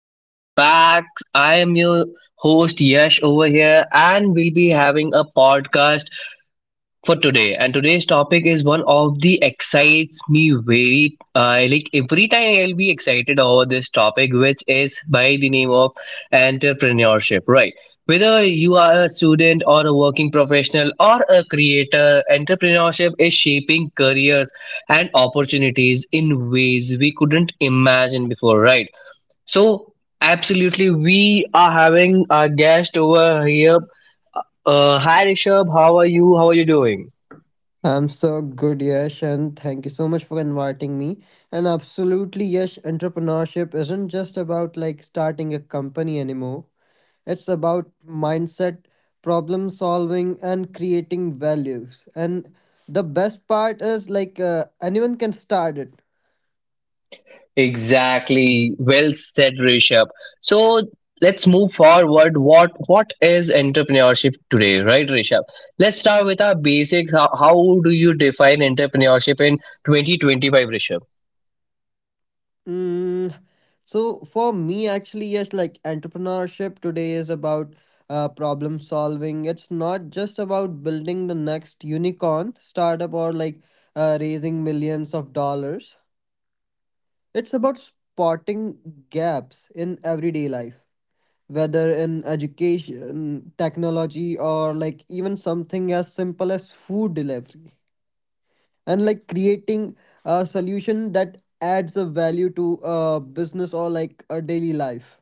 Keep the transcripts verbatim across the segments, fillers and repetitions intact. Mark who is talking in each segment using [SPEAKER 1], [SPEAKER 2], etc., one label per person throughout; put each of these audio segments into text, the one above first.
[SPEAKER 1] Welcome back. I am your host Yash over here, and we'll be having a podcast for today. And today's topic is one of the excites me very. Uh, like every time I'll be excited over this topic, which is by the name of entrepreneurship. Right. Whether you are a student or a working professional or a creator, entrepreneurship is shaping careers and opportunities in ways we couldn't imagine before, right? So, absolutely, we are having our guest over here. Uh, hi, Rishabh. How are you? How are you doing?
[SPEAKER 2] I'm so good, Yash, and thank you so much for inviting me. And absolutely, Yash, entrepreneurship isn't just about like starting a company anymore. It's about mindset, problem solving, and creating values. And the best part is like uh, anyone can start it.
[SPEAKER 1] Exactly. Well said, Rishabh. So let's move forward. What what is entrepreneurship today, right, Rishabh? Let's start with our basics. How, how do you define entrepreneurship in twenty twenty-five, Rishabh?
[SPEAKER 2] Mm, so for me, actually, yes, like entrepreneurship today is about uh, problem solving. It's not just about building the next unicorn startup or like uh, raising millions of dollars. It's about spotting gaps in everyday life, whether in education, technology, or like even something as simple as food delivery, and like creating a solution that adds a value to a business or like a daily life.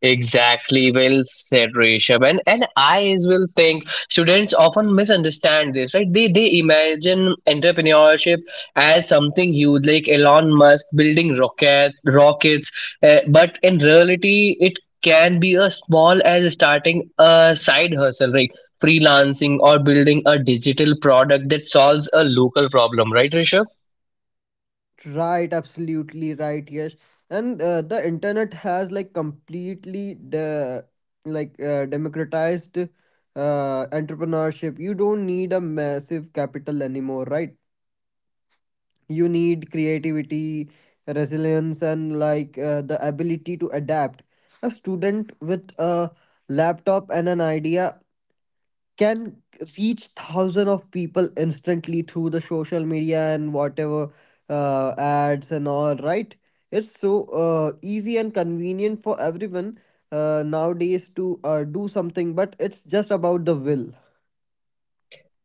[SPEAKER 1] Exactly, well said, Rishabh. And, and I as well think students often misunderstand this, right? They they imagine entrepreneurship as something huge, like Elon Musk building rocket rockets, uh, but in reality, it can be as small as starting a side hustle, right? Freelancing or building a digital product that solves a local problem, right, Rishabh?
[SPEAKER 2] Right, absolutely right, yes. And uh, the internet has like completely de- like uh, democratized uh, entrepreneurship. You don't need a massive capital anymore, right? You need creativity, resilience, and like uh, the ability to adapt. A student with a laptop and an idea can reach thousand of people instantly through the social media and whatever uh, ads and all, right? It's so uh, easy and convenient for everyone uh, nowadays to uh, do something, but it's just about the will.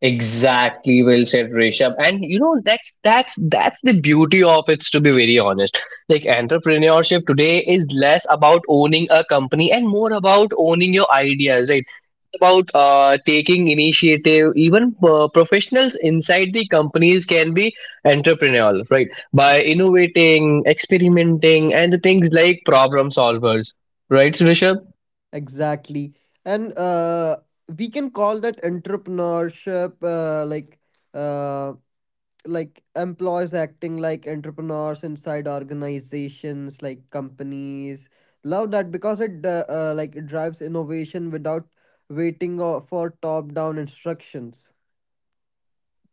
[SPEAKER 1] Exactly, well said, Rishabh. And you know that's that's that's the beauty of it. To be very honest, like entrepreneurship today is less about owning a company and more about owning your ideas, right? It's about uh, taking initiative. Even uh, professionals inside the companies can be entrepreneurial, right? By innovating, experimenting, and things like problem solvers, right, Rishabh?
[SPEAKER 2] Exactly. And uh, we can call that entrepreneurship uh, like uh, like employees acting like entrepreneurs inside organizations like companies. Love that because it uh, uh, like it drives innovation without waiting o- for top down instructions.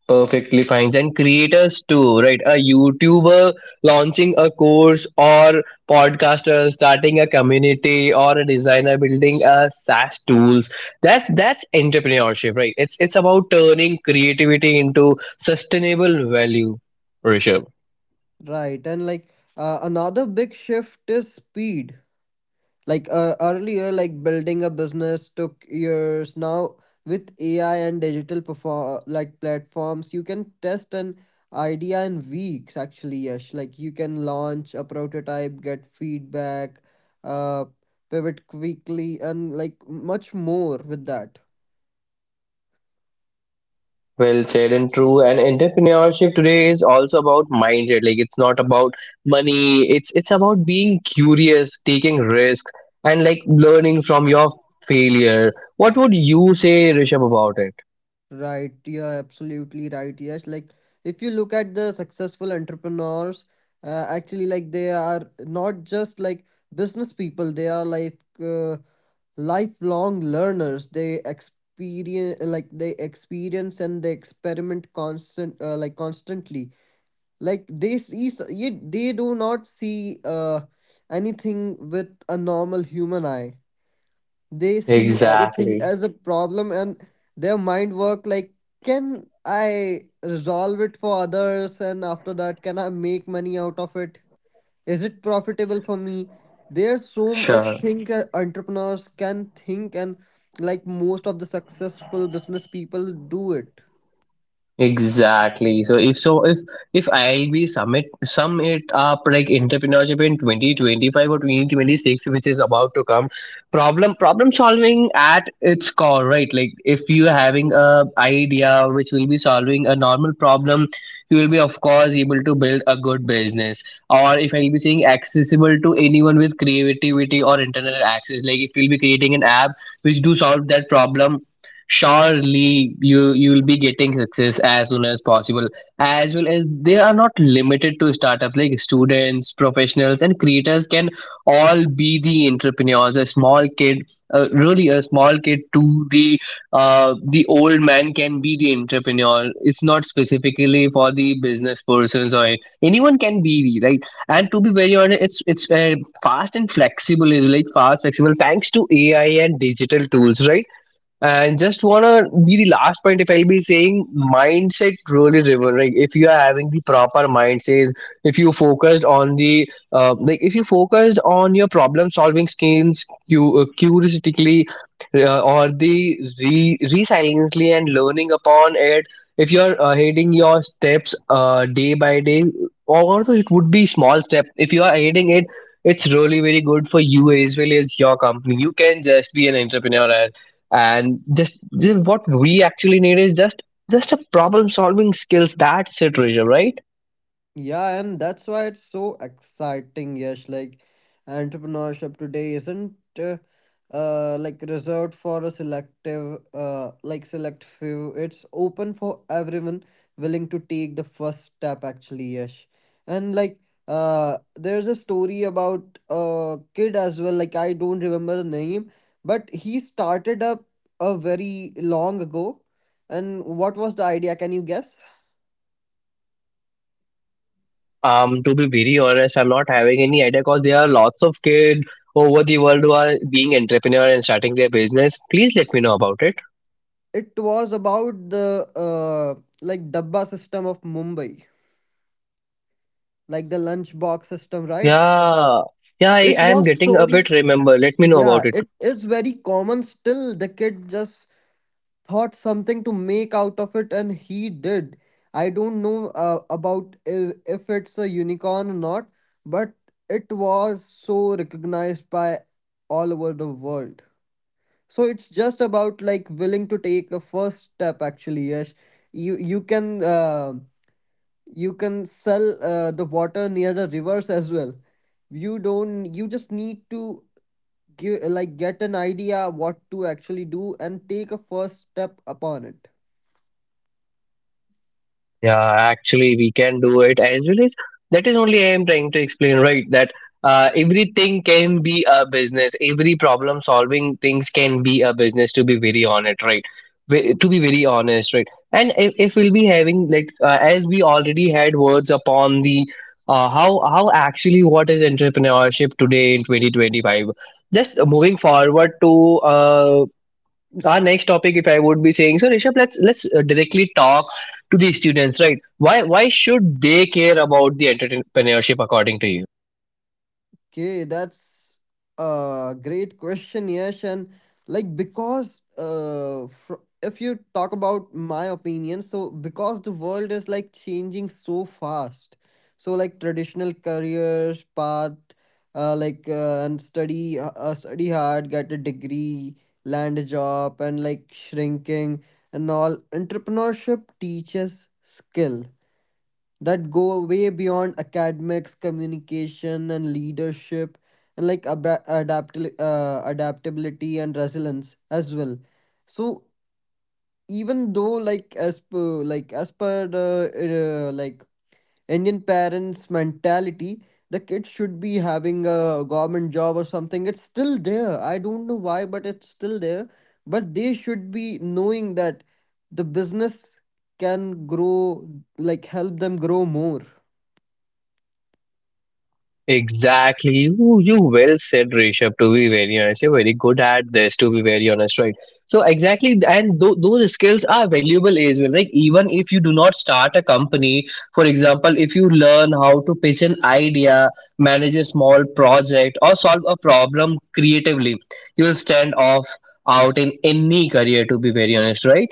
[SPEAKER 1] Perfectly fine. And creators too, right? A youtuber launching a course, or podcaster starting a community, or a designer building a SaaS tools, that's that's entrepreneurship, right? It's it's about turning creativity into sustainable value, Rishabh.
[SPEAKER 2] Right. And like uh, another big shift is speed. Like uh, earlier, like building a business took years. Now with A I and digital perform like platforms, you can test an idea in weeks. Actually, Yash, like you can launch a prototype, get feedback, uh, pivot quickly, and like much more with that.
[SPEAKER 1] Well said and true. And entrepreneurship today is also about mindset. Like it's not about money. It's it's about being curious, taking risks, and like learning from your failure. What would you say, Rishabh, about it?
[SPEAKER 2] Right? You're absolutely right, Yes. Like if you look at the successful entrepreneurs, uh, actually, like they are not just like business people. They are like uh, lifelong learners. They experience like they experience and they experiment constant uh, like constantly. Like they see s- ye- they do not see uh, anything with a normal human eye. They see everything
[SPEAKER 1] Exactly.
[SPEAKER 2] as a problem, and their mind work like, can I resolve it for others? And after that, can I make money out of it? Is it profitable for me? There's so much
[SPEAKER 1] Sure.
[SPEAKER 2] thing that entrepreneurs can think, and like most of the successful business people do it.
[SPEAKER 1] Exactly. So if so if if I IIB summit sum it up, like entrepreneurship in twenty twenty-five or twenty twenty-six, which is about to come, problem problem solving at its core, right? Like if you are having a idea which will be solving a normal problem, you will be of course able to build a good business. Or if I will be saying accessible to anyone with creativity or internal access, like if you'll be creating an app which do solve that problem, surely you you will be getting success as soon as possible. As well as they are not limited to startups, like students, professionals, and creators can all be the entrepreneurs. A small kid, uh, really a small kid to the uh, the old man can be the entrepreneur. It's not specifically for the business persons, or anyone can be the right. And to be very honest, it's it's uh, fast and flexible, is like fast flexible thanks to AI and digital tools, right? And just wanna be the last point, if I'll be saying, mindset really driven. Like if you are having the proper mindset, if you focused on the uh, like if you focused on your problem solving skills, you uh, curiosity uh, or the re- resiliently and learning upon it. If you are uh, heading your steps uh, day by day, although it would be small step, if you are heading it, it's really very good for you as well as your company. You can just be an entrepreneur, and just, just what we actually need is just just a problem solving skills, that's it, Rishabh, right?
[SPEAKER 2] Yeah, and that's why it's so exciting, Yes. Like entrepreneurship today isn't uh, uh like reserved for a selective uh like select few. It's open for everyone willing to take the first step actually, Yes. And like uh there's a story about a kid as well, like I don't remember the name, but he started up a very long ago. And what was the idea? Can you guess?
[SPEAKER 1] Um to be very honest, I'm not having any idea because there are lots of kids over the world who are being entrepreneur and starting their business. Please let me know about it.
[SPEAKER 2] It was about the uh, like dabba system of Mumbai, like the lunchbox system, right?
[SPEAKER 1] Yeah, yeah, i
[SPEAKER 2] It
[SPEAKER 1] I am
[SPEAKER 2] was
[SPEAKER 1] getting a
[SPEAKER 2] sorry.
[SPEAKER 1] bit remember, let me know
[SPEAKER 2] Yeah,
[SPEAKER 1] about it.
[SPEAKER 2] it is very common still. The kid just thought something to make out of it, and he did. I don't know uh, about i- if it's a unicorn or not, but it was so recognized by all over the world. So it's just about like willing to take a first step. Actually, Yash, you you can uh, you can sell uh, the water near the rivers as well. You don't, you just need to give like get an idea what to actually do and take a first step upon it.
[SPEAKER 1] Yeah, actually, we can do it as well, as that is only I am trying to explain, right? That uh, everything can be a business. Every problem solving things can be a business. To be very honest, right? Ve- To be very honest, right? And if, if we'll be having like uh, as we already had words upon the uh, how how actually what is entrepreneurship today in twenty twenty five. Just moving forward to uh, our next topic, if I would be saying. So Rishabh, let's let's uh, directly talk to the students, right? Why why should they care about the entrepreneurship, according to you?
[SPEAKER 2] Okay, that's a great question, Yash. And like, because uh, fr- if you talk about my opinion, so because the world is like changing so fast, so like traditional careers path, uh, like uh, and study, uh, uh, study hard, get a degree, land a job, and like shrinking and all. Entrepreneurship teaches skill that go way beyond academics, communication, and leadership, and like ab- adapt- uh, adaptability and resilience as well. So even though like as per like as per the uh, like Indian parents' mentality, the kids should be having a government job or something. It's still there. I don't know why, but it's still there. But they should be knowing that the business can grow, like help them grow more.
[SPEAKER 1] Exactly. You, you well said, Rishabh, to be very honest. You're very good at this, to be very honest, right? So, exactly. And th- those skills are valuable as well. Like, even if you do not start a company, for example, if you learn how to pitch an idea, manage a small project, or solve a problem creatively, you'll stand off out in any career, to be very honest, right?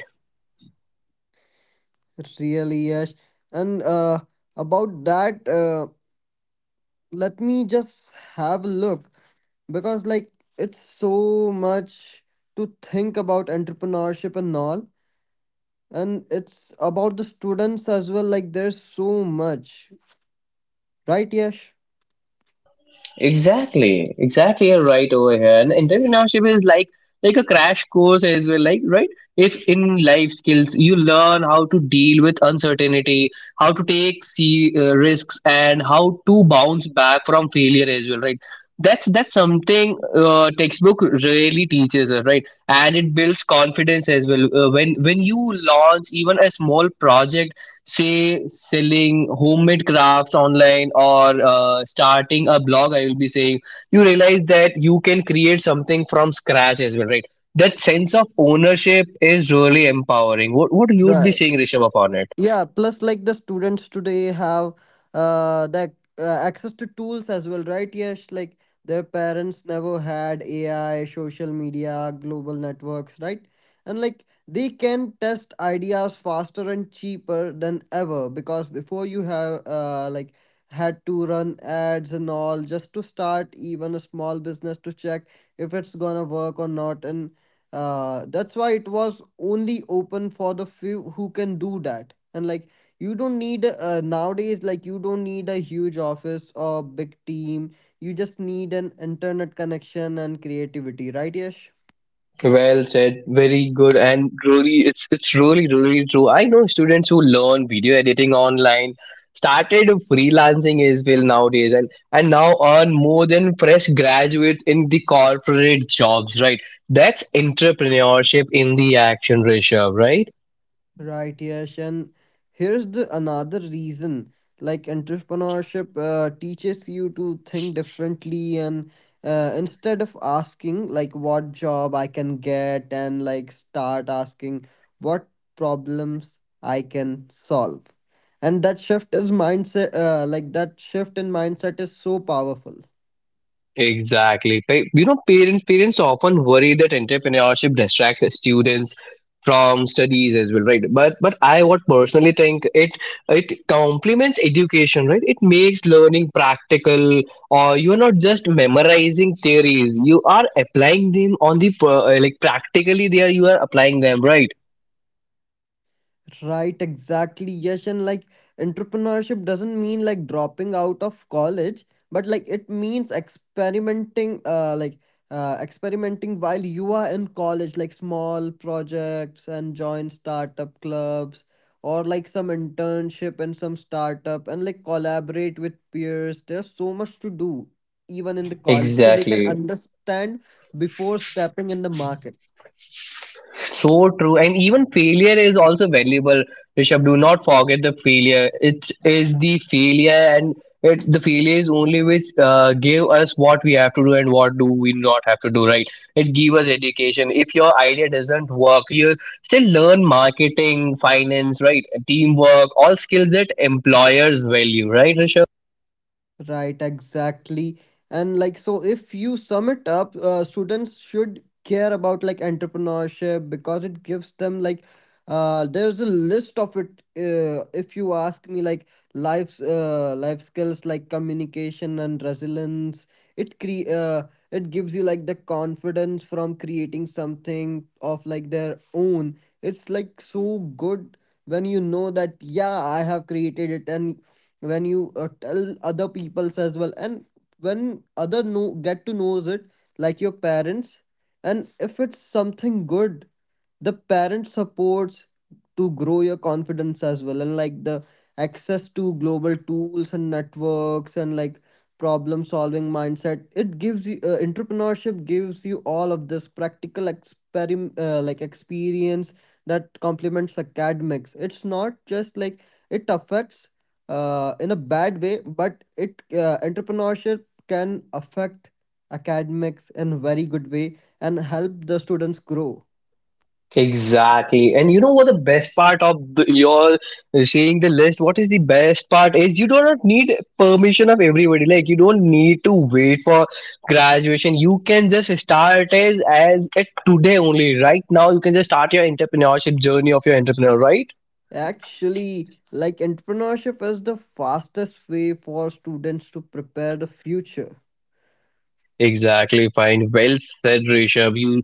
[SPEAKER 2] Really, Yash. And uh, about that, uh, let me just have a look because, like, it's so much to think about entrepreneurship and all. And it's about the students as well. Like, there's so much, right, Yash?
[SPEAKER 1] Exactly, exactly. You're right over here. And entrepreneurship is like like a crash course as well. Like right, if in life skills you learn how to deal with uncertainty, how to take see uh, risks, and how to bounce back from failure as well. Right. That's that's something uh, textbook really teaches us, right? And it builds confidence as well. Uh, when when you launch even a small project, say selling homemade crafts online or uh, starting a blog, I will be saying, you realize that you can create something from scratch as well, right? That sense of ownership is really empowering. what what you would be
[SPEAKER 2] Right.
[SPEAKER 1] saying, Rishabh, upon it?
[SPEAKER 2] Yeah, plus like the students today have uh that uh, access to tools as well, right? Yes, like their parents never had A I, social media, global networks, right? And like they can test ideas faster and cheaper than ever, because before you have uh like had to run ads and all just to start even a small business to check if it's gonna work or not. And uh, that's why it was only open for the few who can do that, and like you don't need uh, nowadays, like you don't need a huge office or big team, you just need an internet connection and creativity, right, Yash?
[SPEAKER 1] Well said, very good, and really, it's it's really really true. I know students who learn video editing online started freelancing as well nowadays, and and now earn more than fresh graduates in the corporate jobs. Right, that's entrepreneurship in the action, Rishabh. Right.
[SPEAKER 2] Right, Yash. And here's the another reason. Like entrepreneurship uh, teaches you to think differently, and uh, instead of asking like what job I can get, and like start asking what problems I can solve. And that shift is mindset uh, like that shift in mindset is so powerful.
[SPEAKER 1] Exactly. Pa- You know, parents parents often worry that entrepreneurship distracts students from studies as well, right? But but I what personally think, it it complements education, right? It makes learning practical, or you are not just memorizing theories. You are applying them on the per- uh, like practically there. You are applying them, right?
[SPEAKER 2] Right, exactly. Yes, and like entrepreneurship doesn't mean like dropping out of college, but like it means experimenting, uh, like uh, experimenting while you are in college, like small projects and join startup clubs, or like some internship and some startup, and like collaborate with peers. There's so much to do even in the college, so they can
[SPEAKER 1] Exactly.
[SPEAKER 2] understand before stepping in the market.
[SPEAKER 1] So true, and even failure is also valuable. Rishabh, do not forget the failure. It is the failure, and it, the failure is only which uh, give us what we have to do and what do we not have to do. Right? It give us education. If your idea doesn't work, you still learn marketing, finance, right, teamwork, all skills that employers value. Right, Rishabh?
[SPEAKER 2] Right, exactly. And like, so if you sum it up, uh, students should care about like entrepreneurship because it gives them like, uh, there's a list of it. Uh, if you ask me, like life's uh, life skills like communication and resilience, it cre uh, it gives you like the confidence from creating something of like their own. It's like so good when you know that yeah, I have created it, and when you uh, tell other peoples as well, and when other know get to knows it, like your parents, and if it's something good, the parent supports to grow your confidence as well. And like the access to global tools and networks, and like problem solving mindset, it gives you uh, entrepreneurship gives you all of this practical experim uh, like experience that complements academics. It's not just like it affects uh, in a bad way, but it uh, entrepreneurship can affect academics in a very good way and help the students grow.
[SPEAKER 1] Exactly. And you know what the best part of the, your saying the list, what is the best part is you do not need permission of everybody. Like you don't need to wait for graduation. You can just start as as it today only. Right now you can just start your entrepreneurship journey of your entrepreneur, right?
[SPEAKER 2] Actually, like entrepreneurship is the fastest way for students to prepare the future.
[SPEAKER 1] Exactly, fine. Well said, Rishabh. You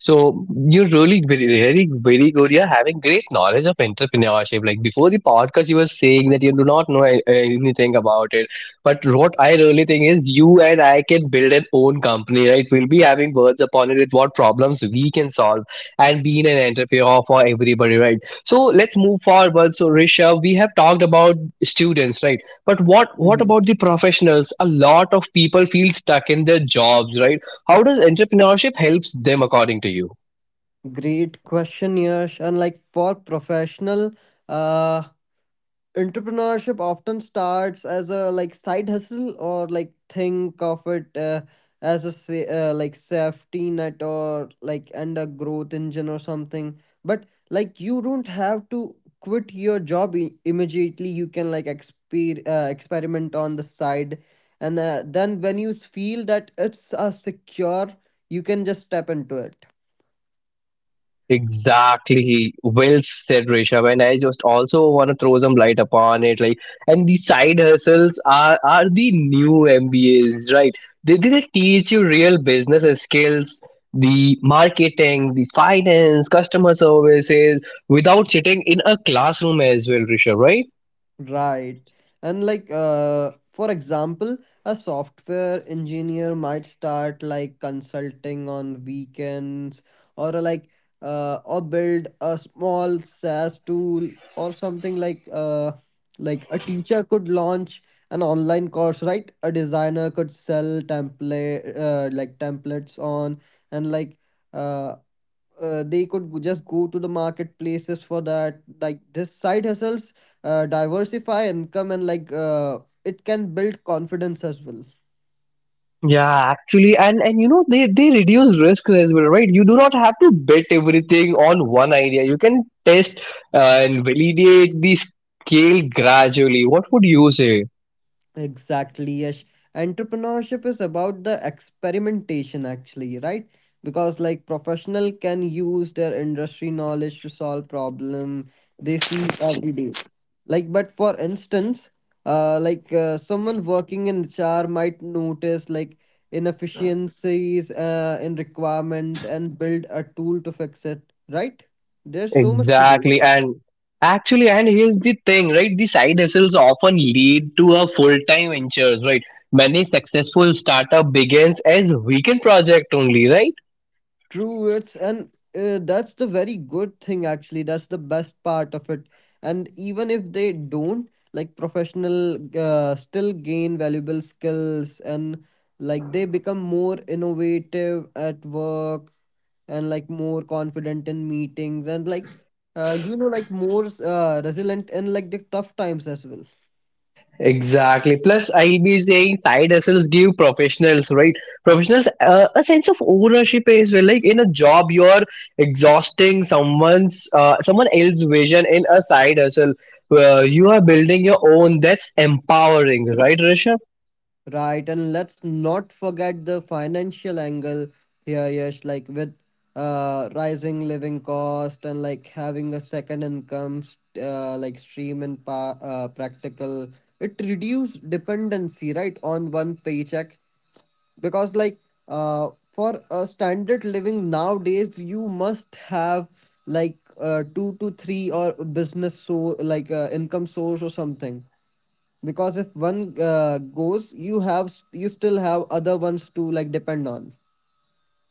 [SPEAKER 1] so you're really very, very, very good. You're having great knowledge of entrepreneurship. Like before the podcast, you were saying that you do not know a- anything about it. But what I really think is, you and I can build an own company, right? We'll be having words upon it with what problems we can solve and being an entrepreneur for everybody, right? So let's move forward. So Rishabh, we have talked about students, right? But what what
[SPEAKER 2] Hmm.
[SPEAKER 1] about the professionals? A lot of people feel stuck in their jobs, right? How does entrepreneurship helps them, according to you?
[SPEAKER 2] Great question, Yash. And like for professional, uh, entrepreneurship often starts as a like side hustle, or like think of it uh, as a sa- uh, like safety net or like and a growth engine or something, but like you don't have to quit your job i- immediately, you can like exper- uh, experiment on the side. And uh, then when you feel that it's uh, secure, you can just step into it.
[SPEAKER 1] Exactly. Well said, Rishabh. And I just also want to throw some light upon it. Like, and the side hustles are are the new M B As, right? They they teach you real business skills, the marketing, the finance, customer services, without sitting in a classroom as well, Rishabh. Right?
[SPEAKER 2] Right. And like uh for example, a software engineer might start like consulting on weekends, or uh, like uh or build a small SaaS tool, or something like uh like a teacher could launch an online course, right? A designer could sell template uh, like templates on, and like uh uh, they could go- just go to the marketplaces for that, like this side hustles uh, diversify income, and like uh, it can build confidence as well.
[SPEAKER 1] Yeah, actually, and and you know they they reduce risk as well, right? You do not have to bet everything on one idea. You can test uh, and validate the scale gradually. What would you say?
[SPEAKER 2] Exactly, Yash. Entrepreneurship is about the experimentation, actually, right? Because like professional can use their industry knowledge to solve problem they see every day. Like, but for instance, uh, like uh, someone working in H R might notice like inefficiencies uh, in requirement and build a tool to fix it, right? There's so much to do.
[SPEAKER 1] Exactly, and actually, and here's the thing, right? The side hustles often lead to a full-time ventures, right? Many successful startup begins as weekend project only, right?
[SPEAKER 2] True. It's and uh, that's the very good thing actually. That's the best part of it. And even if they don't, like professional uh, still gain valuable skills, and like they become more innovative at work, and like more confident in meetings, and like uh, you know like more uh, resilient in like the tough times as well.
[SPEAKER 1] Exactly. Plus, I'll be saying side hustles give professionals, right? Professionals uh, a sense of ownership as well. Like in a job, you're exhausting someone's uh, someone else's vision in a side hustle. Uh, you are building your own. That's empowering, right, Rishabh?
[SPEAKER 2] Right, and let's not forget the financial angle here, Yash. Like with uh, rising living cost, and like having a second income st- uh, like stream and pa- uh, practical, it reduce dependency, right, on one paycheck. Because like uh for a standard living nowadays, you must have like uh, two to three or business so like uh, income source or something, because if one uh, goes, you have s- you still have other ones to like depend on.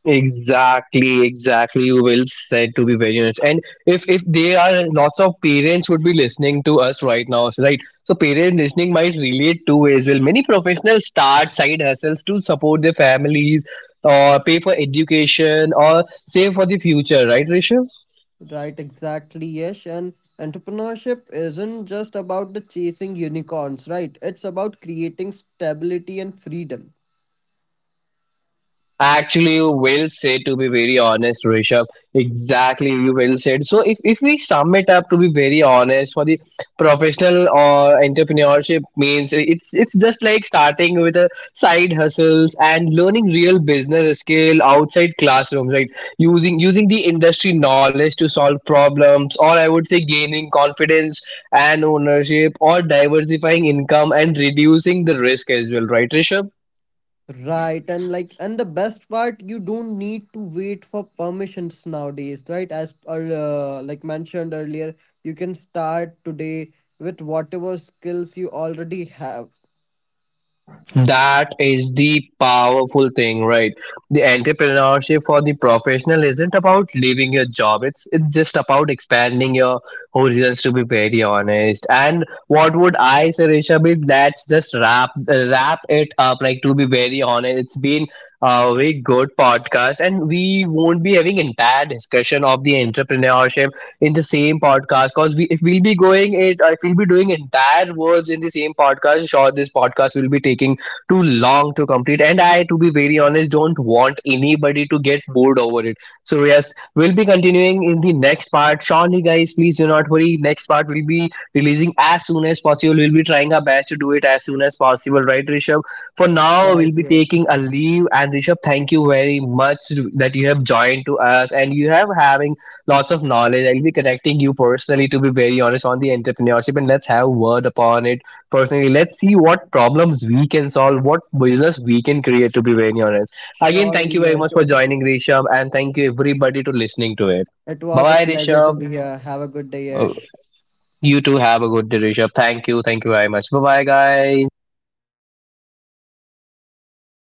[SPEAKER 1] Exactly, exactly. You will said, to be very honest. And if if they are lots of parents would be listening to us right now, right? So parents listening might relate two ways. Well, many professionals start side hustles to support their families, or pay for education, or save for the future, right, Rishabh?
[SPEAKER 2] Right, exactly, yes. And entrepreneurship isn't just about the chasing unicorns, right? It's about creating stability and freedom.
[SPEAKER 1] Actually, you will say, to be very honest, Rishabh. Exactly, you will say. So, if, if we sum it up to be very honest, for the professional or entrepreneurship means, it's it's just like starting with a side hustles and learning real business skill outside classrooms, right? Using using the industry knowledge to solve problems, or I would say gaining confidence and ownership, or diversifying income and reducing the risk as well, right, Rishabh?
[SPEAKER 2] Right, and like, and the best part, you don't need to wait for permissions nowadays, right? As per, uh, like mentioned earlier, you can start today with whatever skills you already have.
[SPEAKER 1] That is the powerful thing, right? The entrepreneurship for the professional isn't about leaving your job. It's it's just about expanding your horizons. To be very honest, and what would I say, Rishabh? Is let's just wrap wrap it up. Like to be very honest, it's been a very good podcast, and we won't be having entire discussion of the entrepreneurship in the same podcast, because we if we'll be going it, if we'll be doing entire words in the same podcast, sure this podcast will be taking too long to complete. And I, to be very honest, don't want anybody to get bored over it. So, yes, we'll be continuing in the next part. Surely, guys, please do not worry. Next part will be releasing as soon as possible. We'll be trying our best to do it as soon as possible, right, Rishabh? For now,
[SPEAKER 2] Right,
[SPEAKER 1] we'll be taking
[SPEAKER 2] yes.
[SPEAKER 1] a leave. And Rishabh, thank you very much that you have joined to us, and you have having lots of knowledge. I'll be connecting you personally, to be very honest, on the entrepreneurship, and let's have word upon it personally. Let's see what problems we can solve, what business we can create, to be very honest. Again,
[SPEAKER 2] Surely,
[SPEAKER 1] thank you very
[SPEAKER 2] yes.
[SPEAKER 1] much for joining, Rishabh, and thank you everybody to listening to it.
[SPEAKER 2] It
[SPEAKER 1] Bye
[SPEAKER 2] was a
[SPEAKER 1] bye,
[SPEAKER 2] pleasure to
[SPEAKER 1] Rishabh.
[SPEAKER 2] be here. Have a good day,
[SPEAKER 1] Oh,
[SPEAKER 2] Yash.
[SPEAKER 1] you too have a good day, Rishabh. Thank you. Thank you very much. Bye bye, guys.